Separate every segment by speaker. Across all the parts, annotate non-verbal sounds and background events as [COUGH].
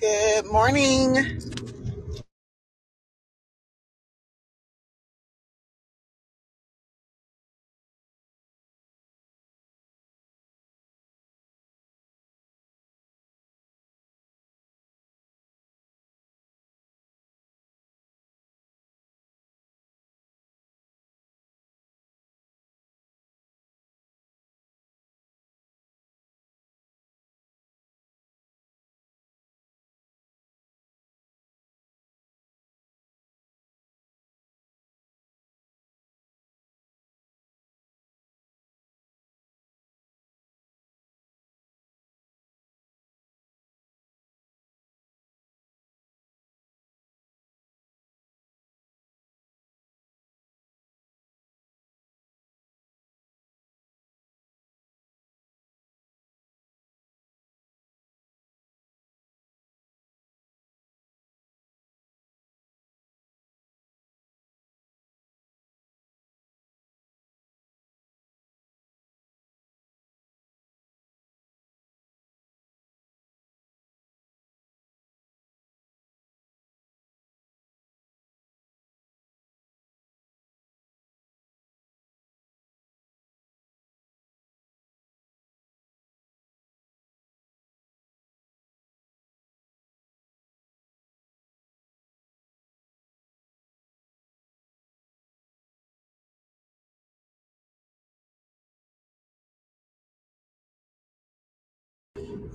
Speaker 1: Good morning.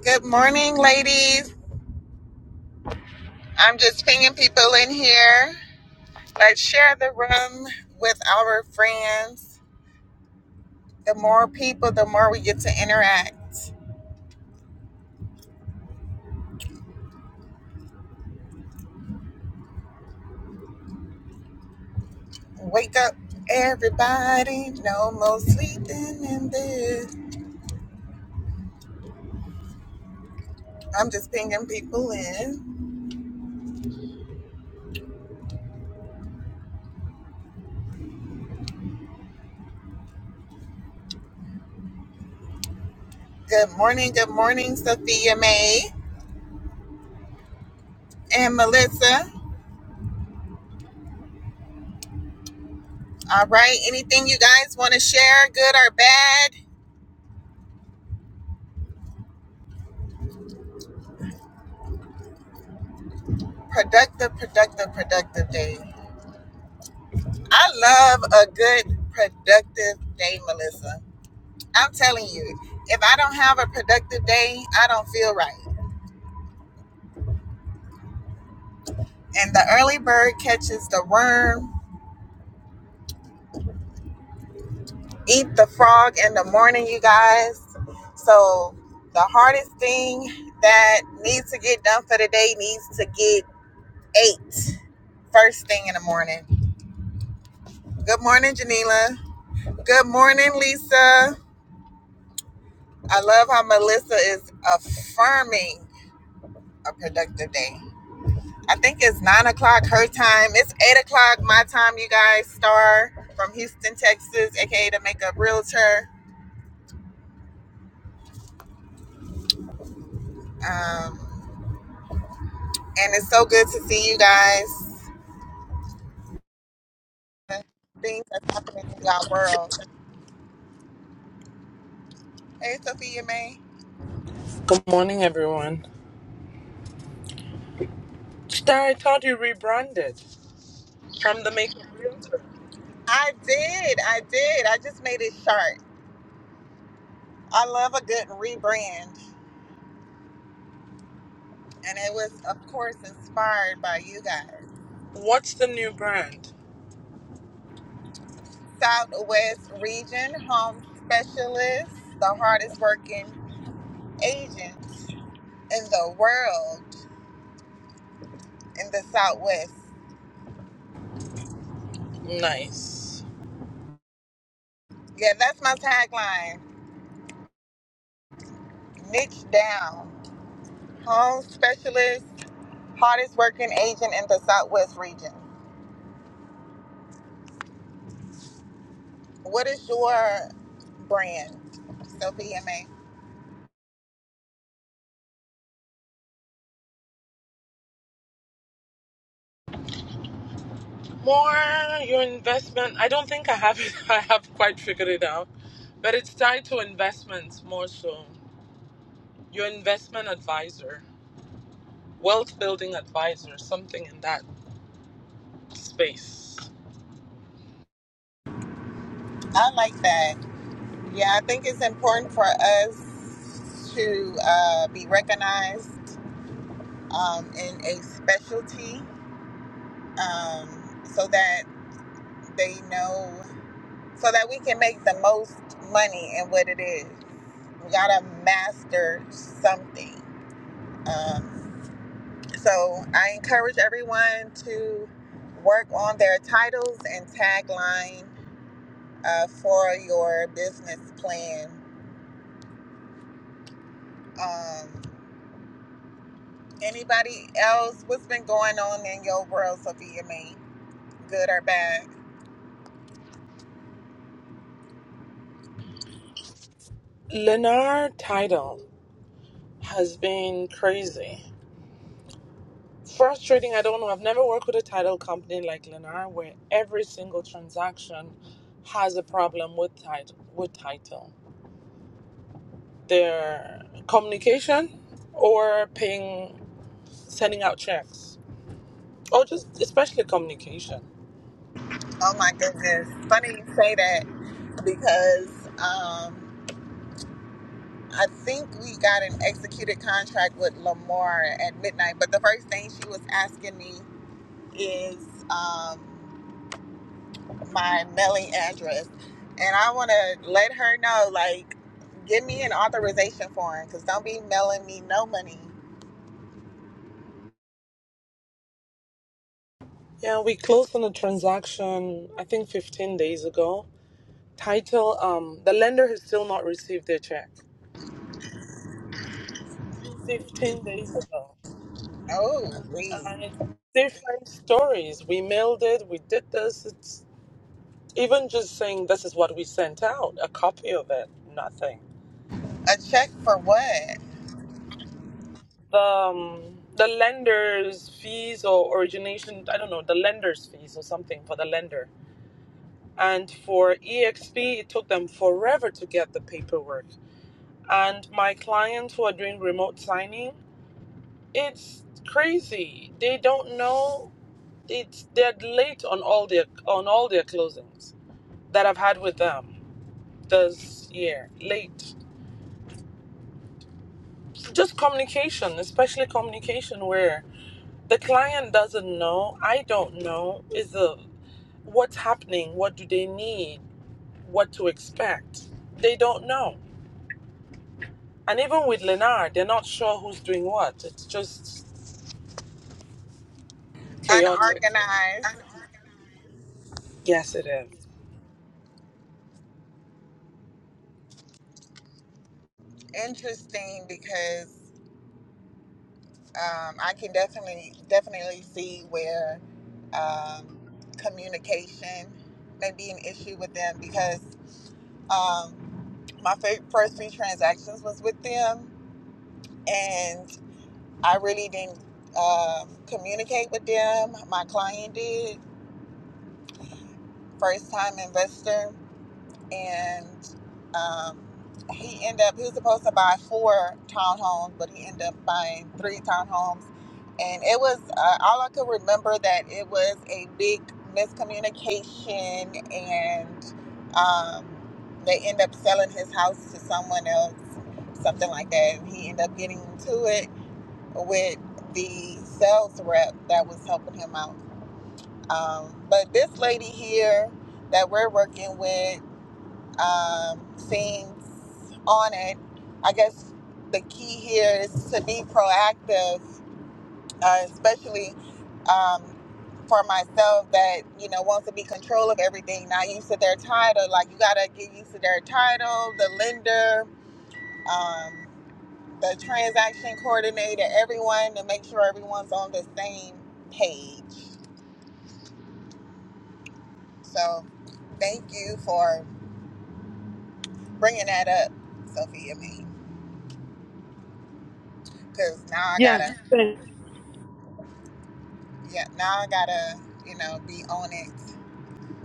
Speaker 1: Good morning, ladies. I'm just pinging people in here. Let's share the room with our friends. The more people, the more we get to interact. Wake up, everybody. No more sleeping in bed. I'm just pinging people in. Good morning. Good morning, Sophia May and Melissa. All right. Anything you guys want to share, good or bad? Productive, productive, productive day. I love a good productive day, Melissa. I'm telling you, if I don't have a productive day, I don't feel right. And the early bird catches the worm. Eat the frog in the morning, you guys. So the hardest thing that needs to get done for the day needs to get ate first thing in the morning. Good morning, Janila. Good morning, Lisa. I love how Melissa is affirming a productive day. I think it's nine o'clock her time. It's eight o'clock my time, you guys. Star from Houston, Texas, aka the Makeup Realtor. Um, and it's so good to see you guys. The Things that's happening in our world. Hey, Sophia May.
Speaker 2: Good morning, everyone. Star, I thought you rebranded from the Makeup Realtor.
Speaker 1: I did. I did. I just made it sharp. I love a good rebrand. And it was, of course, inspired by you guys.
Speaker 2: What's the new brand?
Speaker 1: Southwest Region Home Specialist, the hardest working agent in the world in the Southwest.
Speaker 2: Nice.
Speaker 1: Yeah, that's my tagline. Niche down. Home specialist, hardest working agent in the Southwest region. What is your brand, Sophie MA?
Speaker 2: More your investment. I don't think I have it. [LAUGHS] I have quite figured it out, but it's tied to investments more so. Your investment advisor, wealth building advisor, something in that space.
Speaker 1: I like that. Yeah, I think it's important for us to uh, be recognized um, in a specialty um, so that they know, so that we can make the most money in what it is. We gotta master something. Um, so I encourage everyone to work on their titles and tagline uh, for your business plan. Um, anybody else? What's been going on in your world, Sophia? Mae? good or bad?
Speaker 2: Lennar title has been crazy. frustrating. I don't know. I've never worked with a title company like Lennar where every single transaction has a problem with title. With title, their communication or paying, sending out checks, or just especially communication.
Speaker 1: Oh my goodness! Funny you say that because um, I think we got an executed contract with Lamar at midnight. But the first thing she was asking me is um, my mailing address, and I want to let her know, like, give me an authorization form, cause don't be mailing me no money.
Speaker 2: Yeah, we closed on a transaction. I think 15 days ago. Title. Um, the lender has still not received their check. 15 days ago,
Speaker 1: Oh, wait.
Speaker 2: and it's different stories. We mailed it. We did this. It's even just saying this is what we sent out, a copy of it, nothing.
Speaker 1: a check for what?
Speaker 2: The um, the lender's fees or origination, I don't know, the lender's fees or something for the lender. And for EXP, it took them forever to get the paperwork. And my clients who are doing remote signing, it's crazy. They don't know. It's they're late on all their on all their closings that I've had with them this year. Late just communication, especially communication where the client doesn't know, I don't know, is the what's happening, what do they need, what to expect. They don't know. And even with Lenard, they're not sure who's doing what. It's just chaotic.
Speaker 1: Unorganized.
Speaker 2: Yes, it is.
Speaker 1: Interesting, because um, I can definitely definitely see where um, communication may be an issue with them because um, my fir- first few transactions was with them and I really didn't um, communicate with them. My client did, first time investor, and um, he ended up he was supposed to buy four townhomes, but he ended up buying three townhomes, and it was uh, all I could remember that it was a big miscommunication, and um, they end up selling his house to someone else. Something like that, and he ended up getting into it, with the sales rep that was helping him out. Um, but this lady here that we're working with um, seems on it. I guess the key here is to be proactive, uh, especially um, for myself that you know wants to be control of everything, not used to their title. Like you gotta get used to their title, the lender. Um, the transaction coordinator, everyone to make sure everyone's on the same page. So thank you for bringing that up, Sophia Mae. Because now I
Speaker 2: Yeah.
Speaker 1: gotta, yeah, now I gotta, you know, be on it.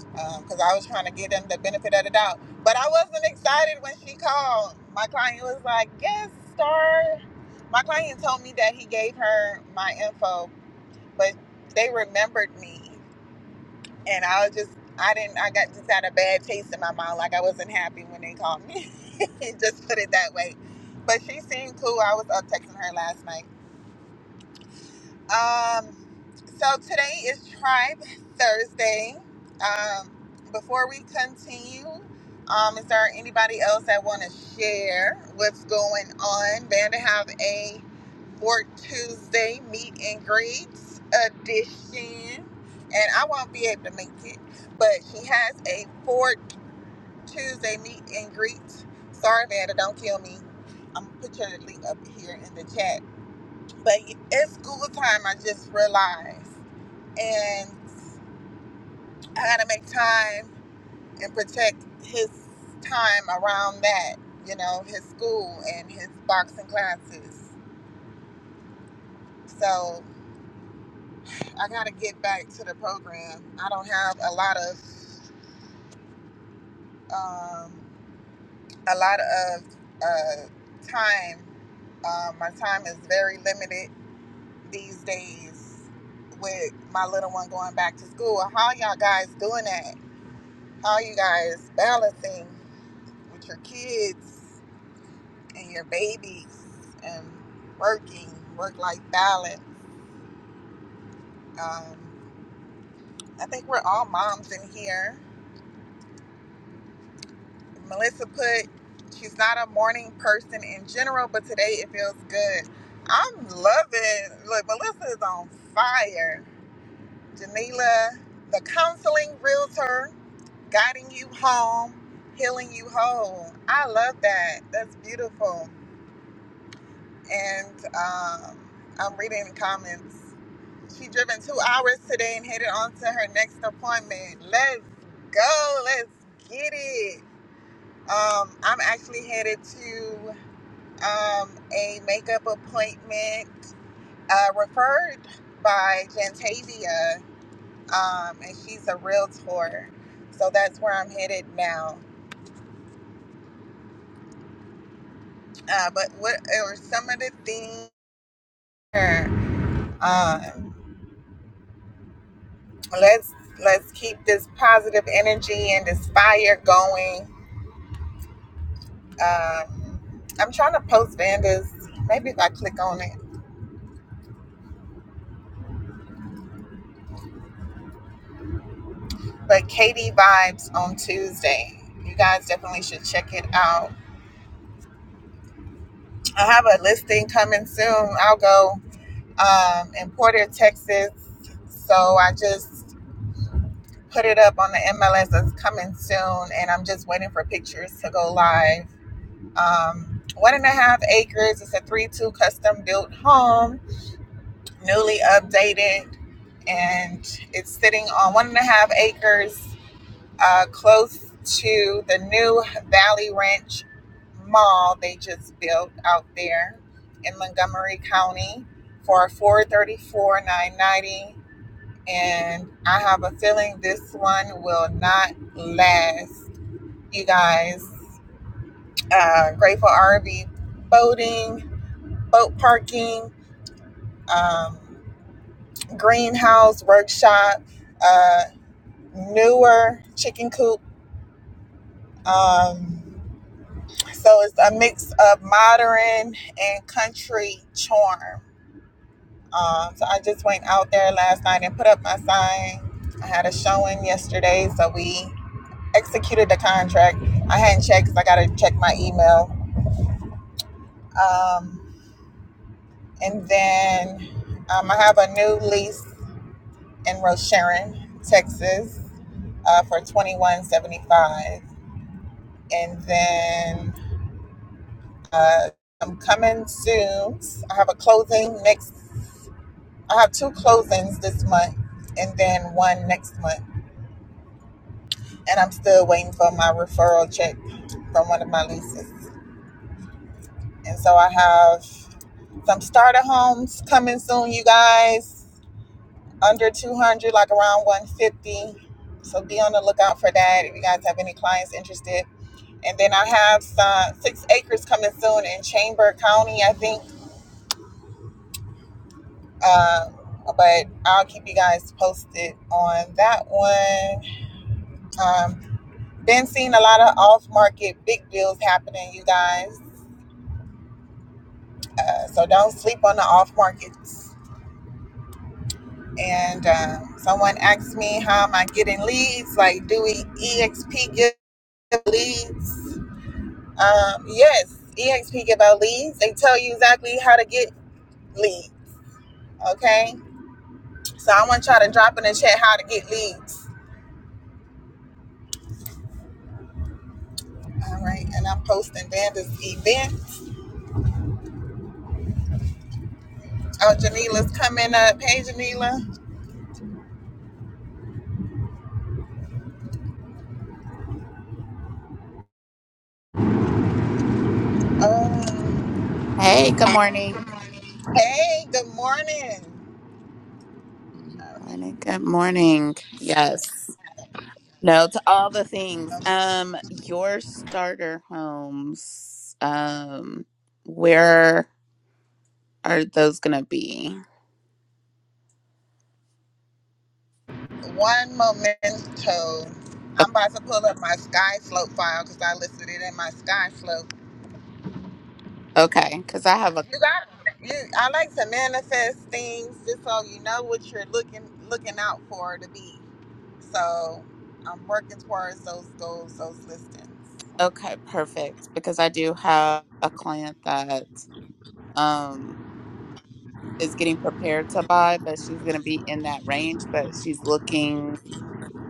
Speaker 1: Because I was trying to give them the benefit of the doubt, but I wasn't excited when she called. My client was like, "Yes, star." My client told me that he gave her my info, but they remembered me. and I was just I didn't I got just had a bad taste in my mouth. Like I wasn't happy when they called me. [LAUGHS] just put it that way. But she seemed cool. I was up texting her last night. Um, so today is Tribe Thursday. Um, before we continue, um, is there anybody else that want to share what's going on? Van have a Fork Tuesday meet and greets edition, and I won't be able to make it, but she has a Fork Tuesday meet and greet. Sorry, Vanda, don't kill me. I'm gonna put your link up here in the chat but it's school time, I just realized. And I got to make time and protect his time around that, you know, his school and his boxing classes. So I got to get back to the program. I don't have a lot of, um, a lot of uh, time. Uh, my time is very limited these days with my little one going back to school. How y'all guys doing that? All you guys balancing with your kids and your babies and working, work life balance. Um, I think we're all moms in here. Melissa put, she's not a morning person in general, but today it feels good. I'm loving, look, Melissa is on fire. Janila, the counseling realtor, guiding you home, healing you whole. I love that. That's beautiful. and um, I'm reading the comments. She driven two hours today and headed on to her next appointment. Let's go. Let's get it. Um, I'm actually headed to um, a makeup appointment uh, referred by Jantavia, um, and she's a realtor. So that's where I'm headed now. Uh, but what are some of the things? Um, Let's let's keep this positive energy and this fire going. Um, I'm trying to post Vanda's. Maybe if I click on it. But Katie Vibes on Tuesday. You guys definitely should check it out. I have a listing coming soon. I'll go um, in Porter, Texas. So I just put it up on the MLS. It's coming soon, and I'm just waiting for pictures to go live. Um, one and a half acres. It's a three-two custom-built home newly updated, and it's sitting on one and a half acres uh, close to the new Valley Ranch Mall they just built out there in Montgomery County for 434 990 and I have a feeling this one will not last. You guys, uh, Grateful RV boating, boat parking. Um, greenhouse workshop, uh, newer chicken coop. Um, so it's a mix of modern and country charm. Um, so I just went out there last night and put up my sign. I had a showing yesterday, so we executed the contract. I hadn't checked because I got to check my email. Um, and then um, I have a new lease in Roche Sharon, Texas, uh, for twenty one seventy five. and then uh, I'm coming soon. I have a closing next. I have two closings this month, and then one next month. And I'm still waiting for my referral check from one of my leases. And so I have some starter homes coming soon, you guys. Under 200, like around 150. So be on the lookout for that if you guys have any clients interested. And then I have some six acres coming soon in Chamber County, I think Uh, but I'll keep you guys posted on that one. Um, been seeing a lot of off market big deals happening, you guys. Uh, so don't sleep on the off markets. And um, someone asked me, how am I getting leads? Like, do we EXP give leads? Um, yes, EXP give out leads. They tell you exactly how to get leads. Okay. So I want y'all to drop in the chat how to get leads All right, and I'm posting Vanda's events. Oh, Janila's coming up. Hey, Janila. Um,
Speaker 3: Hey, good morning.
Speaker 1: hey, good morning.
Speaker 3: Mm, Morning, good morning. Yes. No, to all the things. Um, your starter homes. Um, where are those gonna be?
Speaker 1: One momento.
Speaker 3: O-
Speaker 1: I'm about to pull up my Sky Slope file because I listed it in my Sky Slope.
Speaker 3: Okay, because I have a
Speaker 1: You got you, I like to manifest things just so you know what you're looking looking out for to be. So I'm working towards those goals, those listings.
Speaker 3: okay, perfect. Because I do have a client that um is getting prepared to buy, but she's gonna be in that range, but she's looking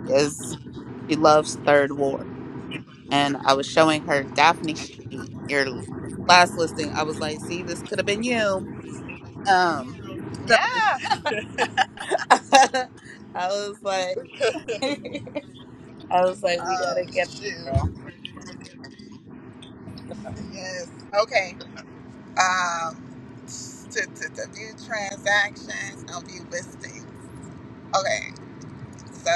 Speaker 3: is she loves third ward. and I was showing her Daphne Street, your last listing. I was like, see, this could have been you. Um, so
Speaker 1: Yeah.
Speaker 3: [LAUGHS] I was like, [LAUGHS] I was like, we
Speaker 1: Oh
Speaker 3: gotta get her, girl.
Speaker 1: shoot. Yes. Okay. um, to, to, to view transactions and view listings. Okay, so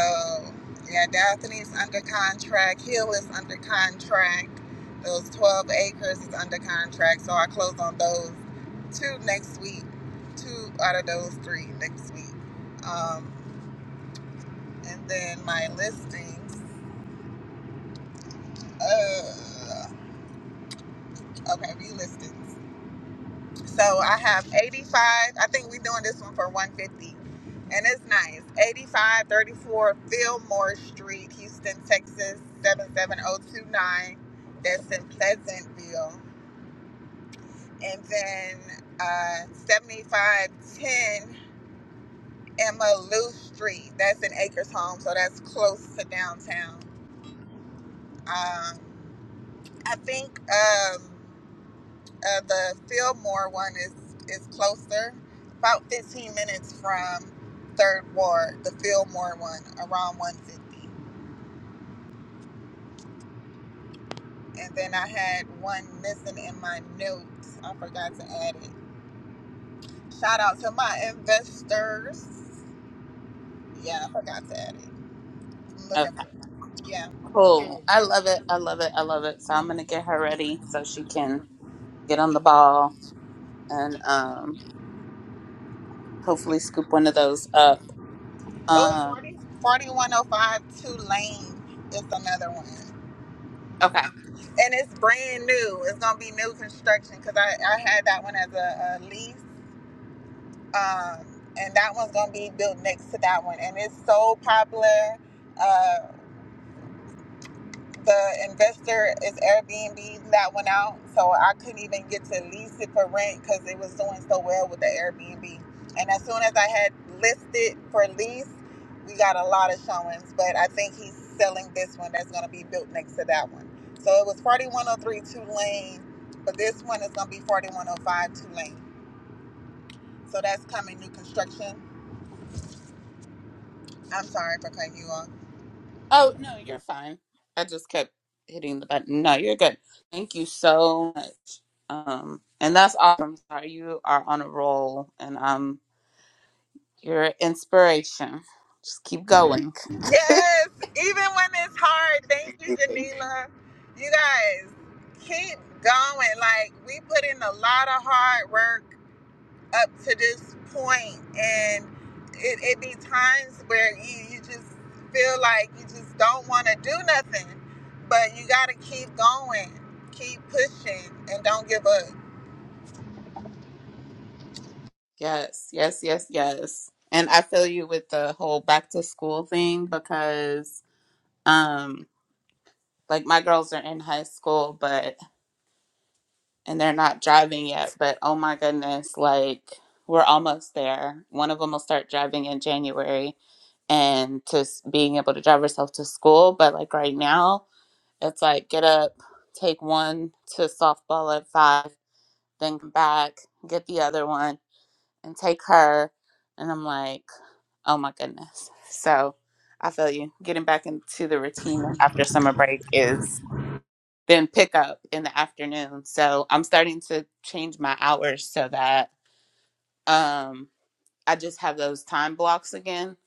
Speaker 1: yeah, Daphne's under contract. Hill is under contract. Those 12 acres is under contract. So I close on those two next week. Two out of those three next week. Um, and then my listings. Uh, okay, view listings. So I have 85. I think we're doing this one for 150. And it's nice. 85 34 Fillmore Street, Houston, Texas, 77029. That's in Pleasantville. And then uh, 7510 Emma Lou Street. That's in Acres Home. So that's close to downtown. Um, I think. Um, Uh, the Fillmore one is is closer, about 15 minutes from Third Ward. The Fillmore one, around 150. And then I had one missing in my notes. I forgot to add it. Shout out to my investors. Yeah, I forgot to add it. I'm
Speaker 3: Okay,
Speaker 1: looking for yeah.
Speaker 3: cool. I love it. I love it. I love it. So I'm gonna get her ready so she can get on the ball and um hopefully scoop one of those up.
Speaker 1: Oh,
Speaker 3: Um,
Speaker 1: 40, 4105 Tulane is another one.
Speaker 3: okay.
Speaker 1: And it's brand new. It's gonna be new construction because I, I had that one as a, a lease um, and that one's gonna be built next to that one, and it's so popular. Uh, the investor is Airbnb that one out, so I couldn't even get to lease it for rent because it was doing so well with the Airbnb. And as soon as I had listed for lease, we got a lot of showings, but I think he's selling this one that's gonna be built next to that one. So it was 4103 two lane, but this one is gonna be 4105 two lane. So that's coming new construction. I'm sorry for cutting you off
Speaker 3: Oh, no, you're fine. I just kept hitting the button. No, you're good. Thank you so much. Um, and that's awesome. Sorry, you are on a roll and um you're an inspiration. Just keep going. [LAUGHS]
Speaker 1: Yes, even when it's hard. Thank you, Janila. You guys keep going. Like we put in a lot of hard work up to this point, and it, it be times where you, you just feel like you just don't want to do nothing, but you got to keep going, keep pushing, and don't give up.
Speaker 3: yes, yes, yes, yes. And I feel you with the whole back to school thing because um like my girls are in high school, but and they're not driving yet, but oh my goodness, like we're almost there. One of them will start driving in January and to s- being able to drive herself to school. But like right now, it's like get up, take one to softball at five, then come back, get the other one, and take her. And I'm like, oh my goodness. So I feel you. Getting back into the routine after summer break is then pick up in the afternoon. So I'm starting to change my hours so that um, I just have those time blocks again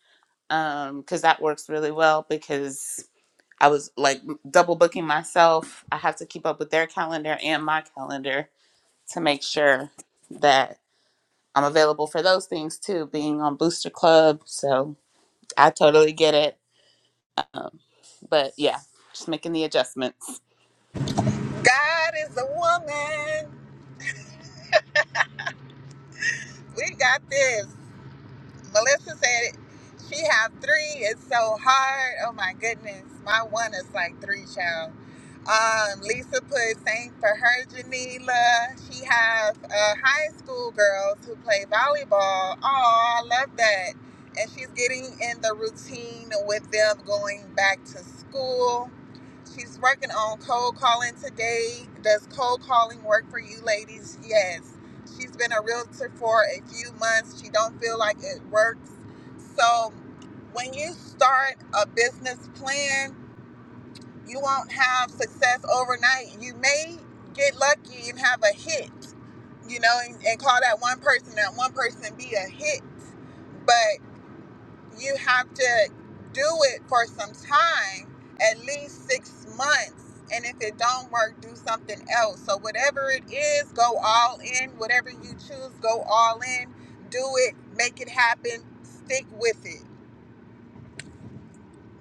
Speaker 3: because that works really well because I was like double booking myself. I have to keep up with their calendar and my calendar to make sure that I'm available for those things too, being on Booster Club. So I totally get it. Um, but yeah, just making the adjustments.
Speaker 1: God is a woman. We got this. Melissa said it. She have three. It's so hard. Oh my goodness. My one is like three, child. Um, Lisa put same for her, Janila. She have uh, high school girls who play volleyball. Oh, I love that. And she's getting in the routine with them going back to school. She's working on cold calling today. Does cold calling work for you ladies? Yes. She's been a realtor for a few months. She don't feel like it works. So when you start a business plan, you won't have success overnight. You may get lucky and have a hit, you know, and, and call that one person, that one person be a hit. but you have to do it for some time at least six months and if it don't work do something else so whatever it is go all in whatever you choose go all in do it make it happen stick with it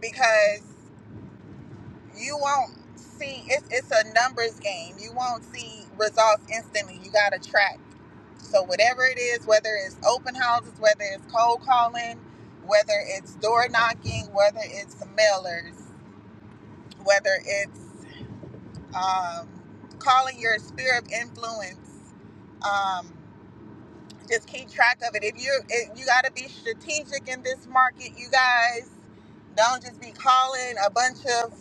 Speaker 1: because you won't see it's it's a numbers game. You won't see results instantly. You gotta track. So whatever it is, whether it's open houses, whether it's cold calling, whether it's door knocking, whether it's mailers, whether it's um, calling your sphere of influence, um, just keep track of it. If you it, you gotta be strategic in this market, you guys. Don't just be calling a bunch of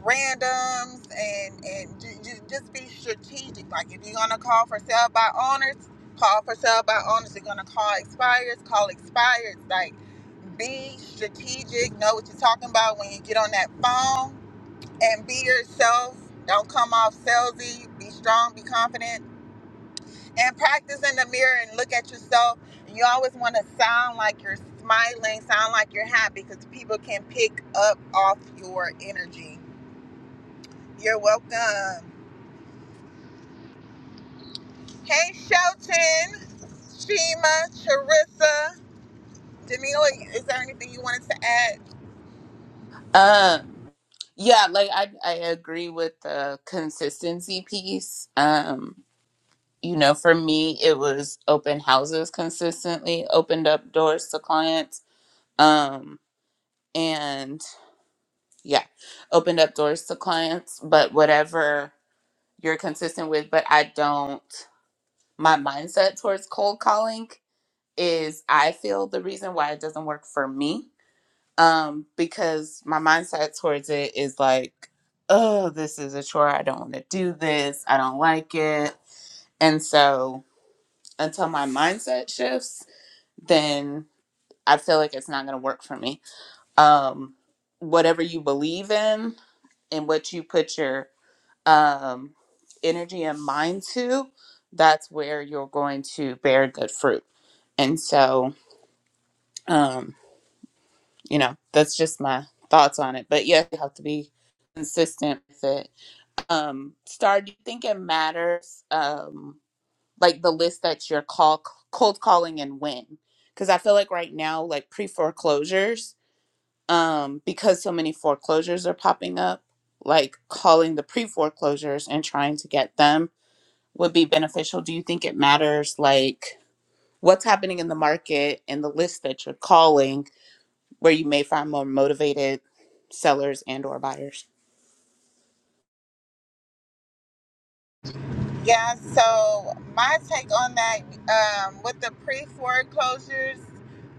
Speaker 1: randoms and and ju- ju- just be strategic. Like if you're gonna call for sell by owners, call for sell by owners. You're gonna call expires, call expires. Like be strategic. Know what you're talking about when you get on that phone and be yourself. Don't come off salesy. Be strong. Be confident. And practice in the mirror and look at yourself. You always want to sound like you're smiling, sound like you're happy, because people can pick up off your energy you're welcome. Hey, Shelton, Shima, Charissa, Danila, is there anything you wanted to add?
Speaker 3: Um, Yeah, like I I agree with the consistency piece. Um, you know, for me it was open houses consistently, opened up doors to clients. Um, and yeah, opened up doors to clients, but whatever you're consistent with, but I don't my mindset towards cold calling is I feel the reason why it doesn't work for me um because my mindset towards it is like oh this is a chore i don't want to do this i don't like it and so until my mindset shifts then i feel like it's not going to work for me um whatever you believe in and what you put your um energy and mind to that's where you're going to bear good fruit and so um, you know, that's just my thoughts on it. But yes, you have to be consistent with it. Um, Star, do you think it matters, um, like the list that you're call cold calling and when? Because I feel like right now, like pre foreclosures, um, because so many foreclosures are popping up, like calling the pre foreclosures and trying to get them would be beneficial. Do you think it matters, like what's happening in the market and the list that you're calling? where you may find more motivated sellers and or buyers.
Speaker 1: Yeah, so my take on that um, with the pre foreclosures,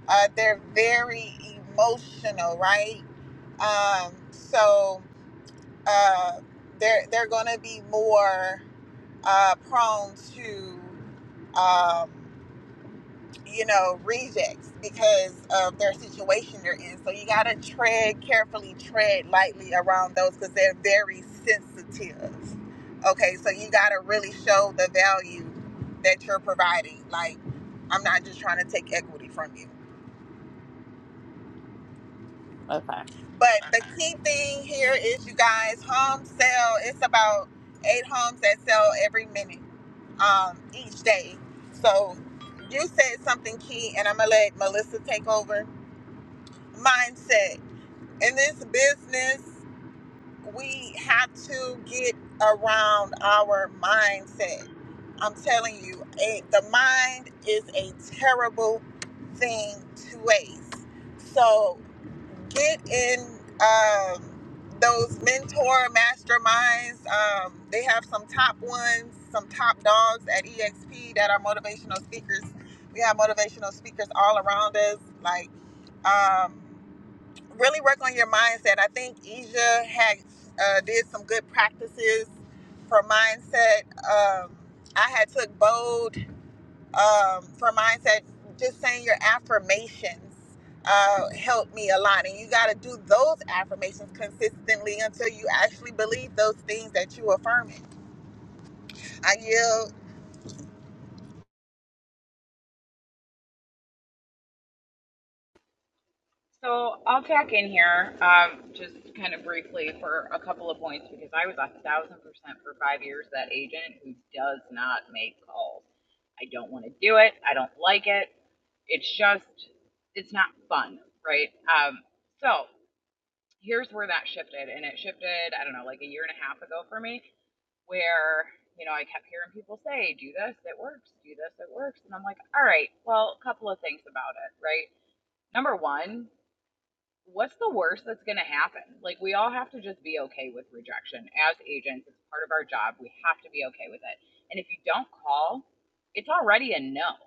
Speaker 1: uh, they're very emotional, right? Um, so uh, they're, they're going to be more uh, prone to. Um, you know, rejects because of their situation they're in. So you got to tread carefully, tread lightly around those because they're very sensitive. Okay, so you got to really show the value that you're providing. Like, I'm not just trying to take equity from you.
Speaker 3: Okay.
Speaker 1: But the key thing here is you guys, home sale, it's about eight homes that sell every minute um, each day. So you said something key, and I'm going to let Melissa take over mindset. in this business, we have to get around our mindset. I'm telling you, a, the mind is a terrible thing to waste. So get in um, those mentor masterminds. Um, they have some top ones, some top dogs at EXP that are motivational speakers. We have motivational speakers all around us, like. Um, really work on your mindset. I think Asia had uh, did some good practices for mindset. Um, I had took bold um, for mindset. Just saying your affirmations uh, helped me a lot, and you got to do those affirmations consistently until you actually believe those things that you affirming. I yield.
Speaker 4: So I'll tack in here um, just kind of briefly for a couple of points because I was a thousand percent for five years that agent who does not make calls. I don't want to do it. I don't like it. It's just, it's not fun, right? Um, so here's where that shifted. And it shifted, I don't know, like a year and a half ago for me, where, you know, I kept hearing people say, do this, it works, do this, it works. And I'm like, all right, well, a couple of things about it, right? Number one, what's the worst that's going to happen? Like, we all have to just be okay with rejection as agents. It's part of our job. We have to be okay with it. And if you don't call, it's already a no.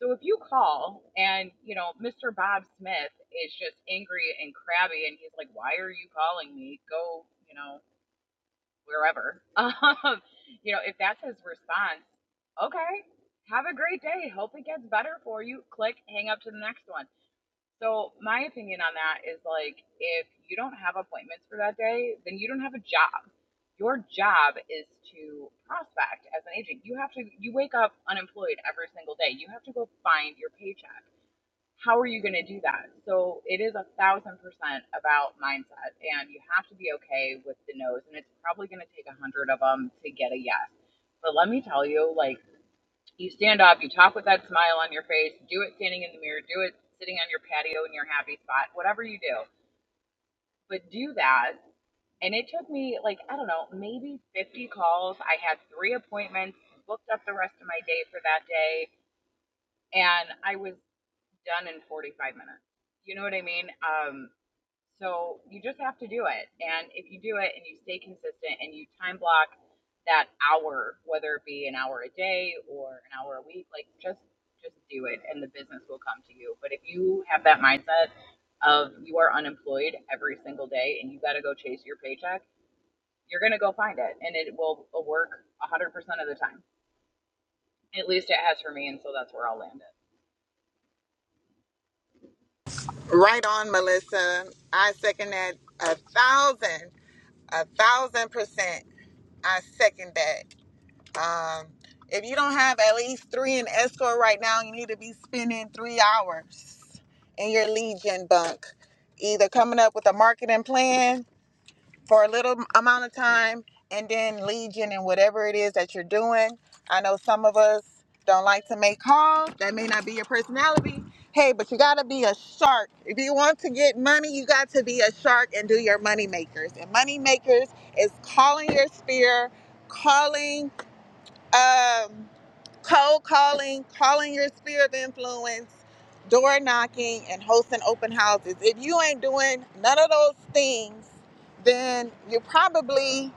Speaker 4: So if you call and, you know, Mr. Bob Smith is just angry and crabby and he's like, why are you calling me? Go, you know, wherever. [LAUGHS] Um, you know, if that's his response, okay, have a great day. Hope it gets better for you. Click, hang up to the next one so my opinion on that is like if you don't have appointments for that day, then you don't have a job. Your job is to prospect as an agent. You have to you wake up unemployed every single day. You have to go find your paycheck. How are you going to do that? So it is a thousand percent about mindset, and you have to be okay with the no's. And it's probably going to take a hundred of them to get a yes. But let me tell you, like you stand up, you talk with that smile on your face, do it standing in the mirror, do it sitting on your patio in your happy spot, whatever you do. But do that. And it took me, like, I don't know, maybe 50 calls. I had three appointments, booked up the rest of my day for that day. And I was done in 45 minutes. You know what I mean? Um, so you just have to do it. And if you do it and you stay consistent and you time block that hour, whether it be an hour a day or an hour a week, like just just do it and the business will come to you. But if you have that mindset of you are unemployed every single day and you got to go chase your paycheck, you're going to go find it and it will work 100% of the time. At least it has for me and so that's where I'll land it.
Speaker 1: Right on, Melissa. I second that a thousand, a thousand percent. I second that. Um, if you don't have at least three in escort right now, you need to be spending three hours in your Legion bunk, either coming up with a marketing plan for a little amount of time and then Legion and whatever it is that you're doing. I know some of us don't like to make calls, that may not be your personality. Hey, but you gotta be a shark. If you want to get money, you got to be a shark and do your money makers. And money makers is calling your sphere, calling um, cold calling, calling your sphere of influence, door knocking, and hosting open houses. If you ain't doing none of those things, then you probably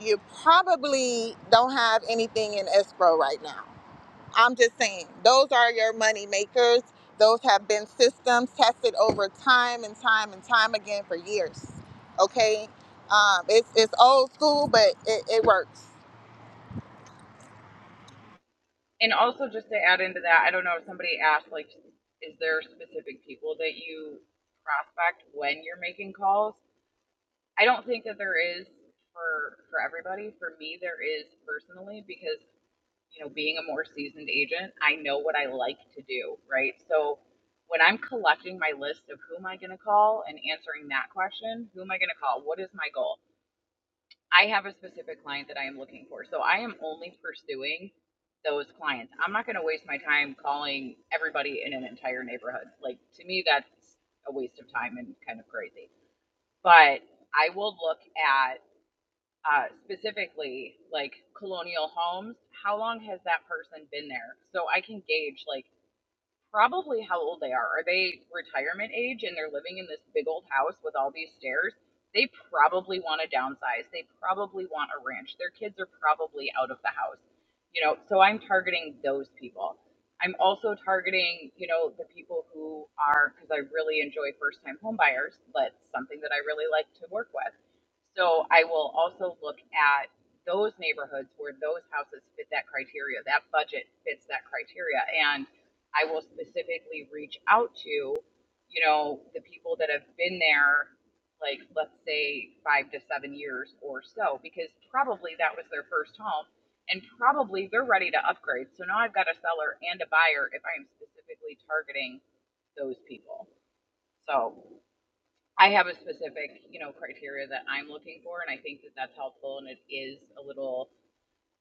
Speaker 1: you probably don't have anything in escrow right now. I'm just saying those are your money makers. Those have been systems tested over time and time and time again for years. Okay, um, it's it's old school, but it, it works.
Speaker 4: And also, just to add into that, I don't know if somebody asked, like, is there specific people that you prospect when you're making calls? I don't think that there is for for everybody. For me, there is personally because you know, being a more seasoned agent, I know what I like to do, right? So when I'm collecting my list of who am I going to call and answering that question, who am I going to call? What is my goal? I have a specific client that I am looking for. So I am only pursuing those clients. I'm not going to waste my time calling everybody in an entire neighborhood. Like to me that's a waste of time and kind of crazy. But I will look at uh, specifically like colonial homes. How long has that person been there? So I can gauge like probably how old they are. Are they retirement age and they're living in this big old house with all these stairs? They probably want to downsize. They probably want a ranch. Their kids are probably out of the house. You know, so I'm targeting those people. I'm also targeting, you know, the people who are because I really enjoy first-time home buyers, but something that I really like to work with. So I will also look at those neighborhoods where those houses fit that criteria, that budget fits that criteria. and. I will specifically reach out to, you know, the people that have been there, like, let's say five to seven years or so, because probably that was their first home and probably they're ready to upgrade. So now I've got a seller and a buyer if I am specifically targeting those people. So I have a specific, you know, criteria that I'm looking for, and I think that that's helpful and it is a little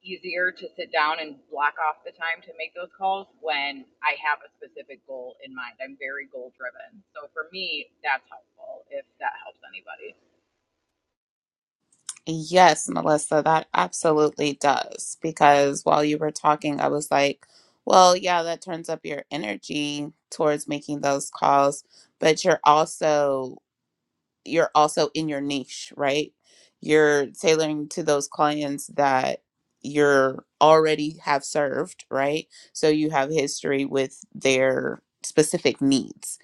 Speaker 4: easier to sit down and block off the time to make those calls when I have a specific goal in mind. I'm very goal driven. So for me, that's helpful if that helps anybody.
Speaker 3: Yes, Melissa, that absolutely does. Because while you were talking, I was like, well, yeah, that turns up your energy towards making those calls, but you're also you're also in your niche, right? You're tailoring to those clients that you're already have served, right? So you have history with their specific needs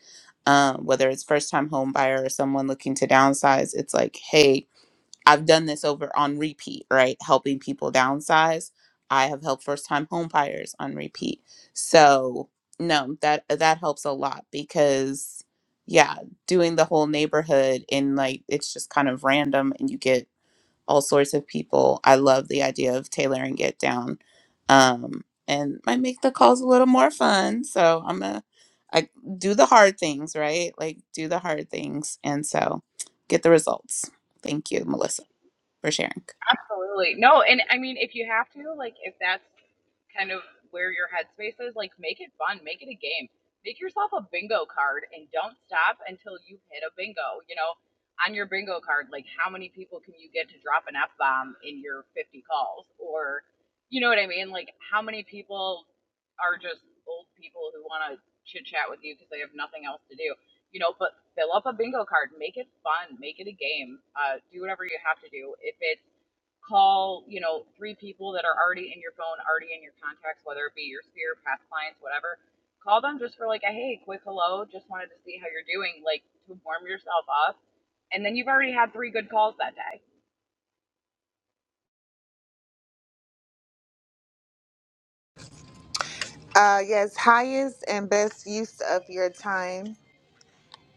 Speaker 3: um, whether it's first time home buyer or someone looking to downsize, it's like, hey, I've done this over on repeat, right? Helping people downsize. I have helped first time home buyers on repeat. So no, that that helps a lot because yeah, doing the whole neighborhood and like it's just kind of random and you get all sorts of people. I love the idea of tailoring it down, um, and might make the calls a little more fun. So I'm gonna I do the hard things, right? Like do the hard things, and so get the results. Thank you, Melissa, for sharing.
Speaker 4: Absolutely. No, and I mean, if you have to, like, if that's kind of where your headspace is, like, make it fun, make it a game. Make yourself a bingo card and don't stop until you hit a bingo. You know, on your bingo card, like, how many people can you get to drop an F bomb in your 50 calls? Or, you know what I mean? Like, how many people are just old people who want to chit chat with you because they have nothing else to do? You know, but fill up a bingo card, make it fun, make it a game, uh, do whatever you have to do. If it's call, you know, three people that are already in your phone, already in your contacts, whether it be your sphere, past clients, whatever. Call them just for like a hey, quick hello, just wanted to see how you're doing, like to warm yourself up. And then you've already had three good calls that day.
Speaker 1: Uh, yes, highest and best use of your time,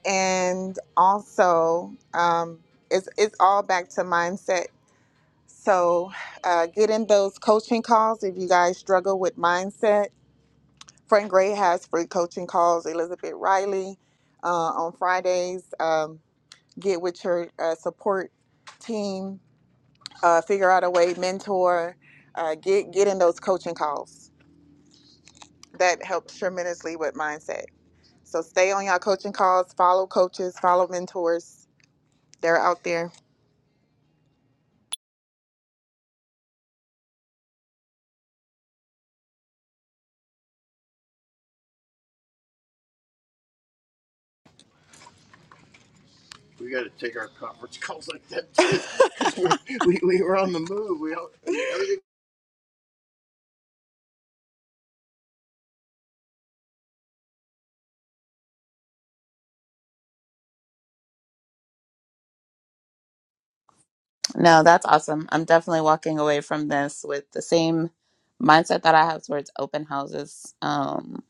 Speaker 1: and also um, it's it's all back to mindset. So uh, get in those coaching calls if you guys struggle with mindset. Frank Gray has free coaching calls. Elizabeth Riley uh, on Fridays. Um, get with your uh, support team. Uh, figure out a way, mentor. Uh, get get in those coaching calls. That helps tremendously with mindset. So stay on y'all coaching calls, follow coaches, follow mentors. They're out there. We got to take our conference [LAUGHS] calls like that too, [LAUGHS] we, we we were on the move. We all, everything. [LAUGHS]
Speaker 3: No, that's awesome. I'm definitely walking away from this with the same mindset that I have towards open houses. Um,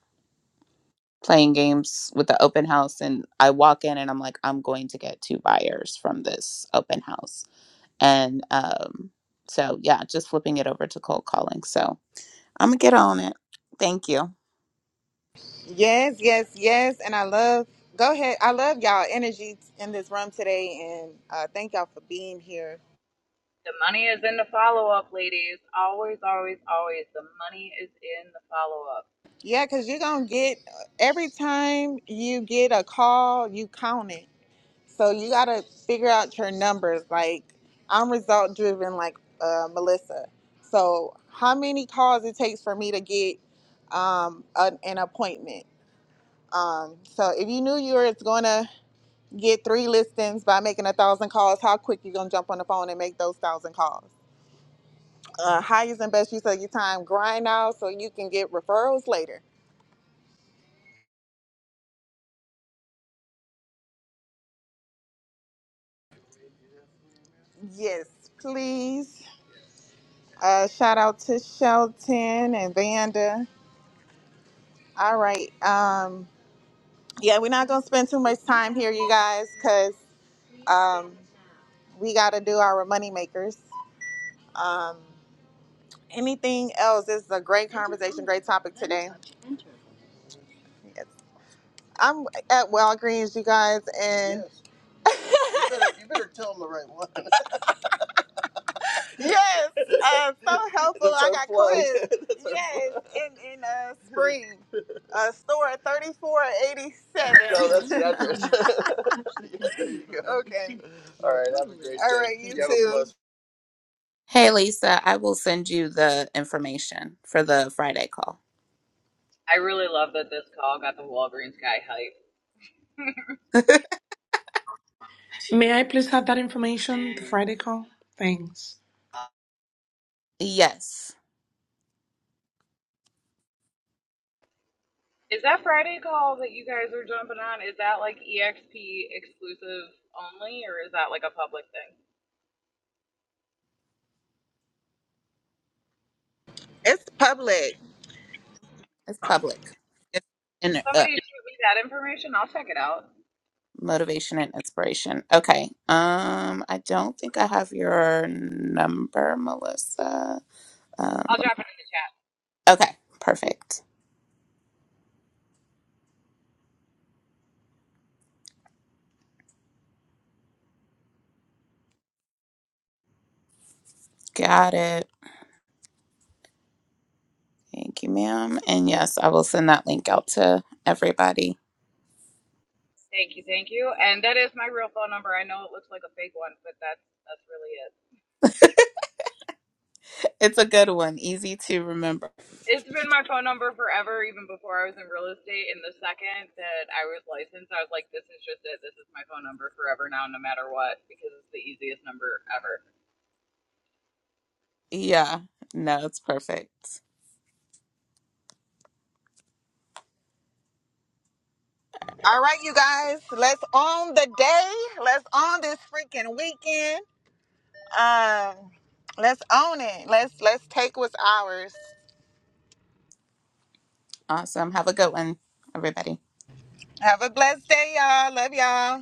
Speaker 3: playing games with the open house and I walk in and I'm like I'm going to get two buyers from this open house And um, so, yeah, just flipping it over to cold calling. So I'm going to get on it. Thank you.
Speaker 1: Yes, yes, yes. And I love, go ahead. I love y'all energy in this room today. And uh, thank y'all for being here.
Speaker 4: The money is in the follow up, ladies. Always, always, always. The money is in the follow up.
Speaker 1: Yeah, because you're going to get, every time you get a call, you count it. So you gotta figure out your numbers. Like I'm result driven, like uh, Melissa. So how many calls it takes for me to get um, an, an appointment? Um, so if you knew you were gonna get three listings by making a thousand calls, how quick you gonna jump on the phone and make those thousand calls? Uh, highest and best use of your time. Grind out so you can get referrals later. Yes, please. Uh, shout out to Shelton and Vanda. All right. Um, yeah, we're not gonna spend too much time here, you guys, because um, we got to do our money makers. Um, anything else? This is a great conversation, great topic today. Yes. I'm at Walgreens, you guys, and [LAUGHS] you better you better tell them the right one. Yes, uh, so [LAUGHS] helpful. That's I her got our plug. quizzed. [LAUGHS] That's her Yes, plug. in in uh, [LAUGHS] spring, uh, store thirty four eighty seven. No, that's seven. [LAUGHS] there you go. [LAUGHS] Okay. All right, have a great All day. right, you You have a too. blessed.
Speaker 3: Hey, Lisa, I will send you the information for the Friday call.
Speaker 4: I really love that this call got the Walgreens guy hype.
Speaker 2: May I please have that information, the Friday call? Thanks.
Speaker 3: Yes,
Speaker 4: Is that Friday call that you guys are jumping on? Is that like EXP exclusive only, or is that like a public thing?
Speaker 1: It's public.
Speaker 3: it's public. It's in, uh,
Speaker 4: Somebody shoot me that information. I'll check it out.
Speaker 3: motivation and inspiration. Okay. Um, I don't think I have your number, Melissa. Um,
Speaker 4: I'll drop it in the chat.
Speaker 3: okay, perfect. Got it. Thank you, ma'am. And yes, I will send that link out to everybody.
Speaker 4: Thank you, thank you. And that is my real phone number. I know it looks like a fake one, but that's that's really it.
Speaker 3: It's a good one. Easy to remember.
Speaker 4: It's been my phone number forever, even before I was in real estate. And the second that I was licensed, I was like, this is just it. This is my phone number forever now, no matter what, because it's the easiest number ever.
Speaker 3: Yeah. No, it's perfect.
Speaker 1: All right, you guys. Let's own the day. Let's own this freaking weekend. Um, let's own it. Let's let's take what's ours.
Speaker 3: Awesome. Have a good one, everybody.
Speaker 1: Have a blessed day, y'all. Love y'all.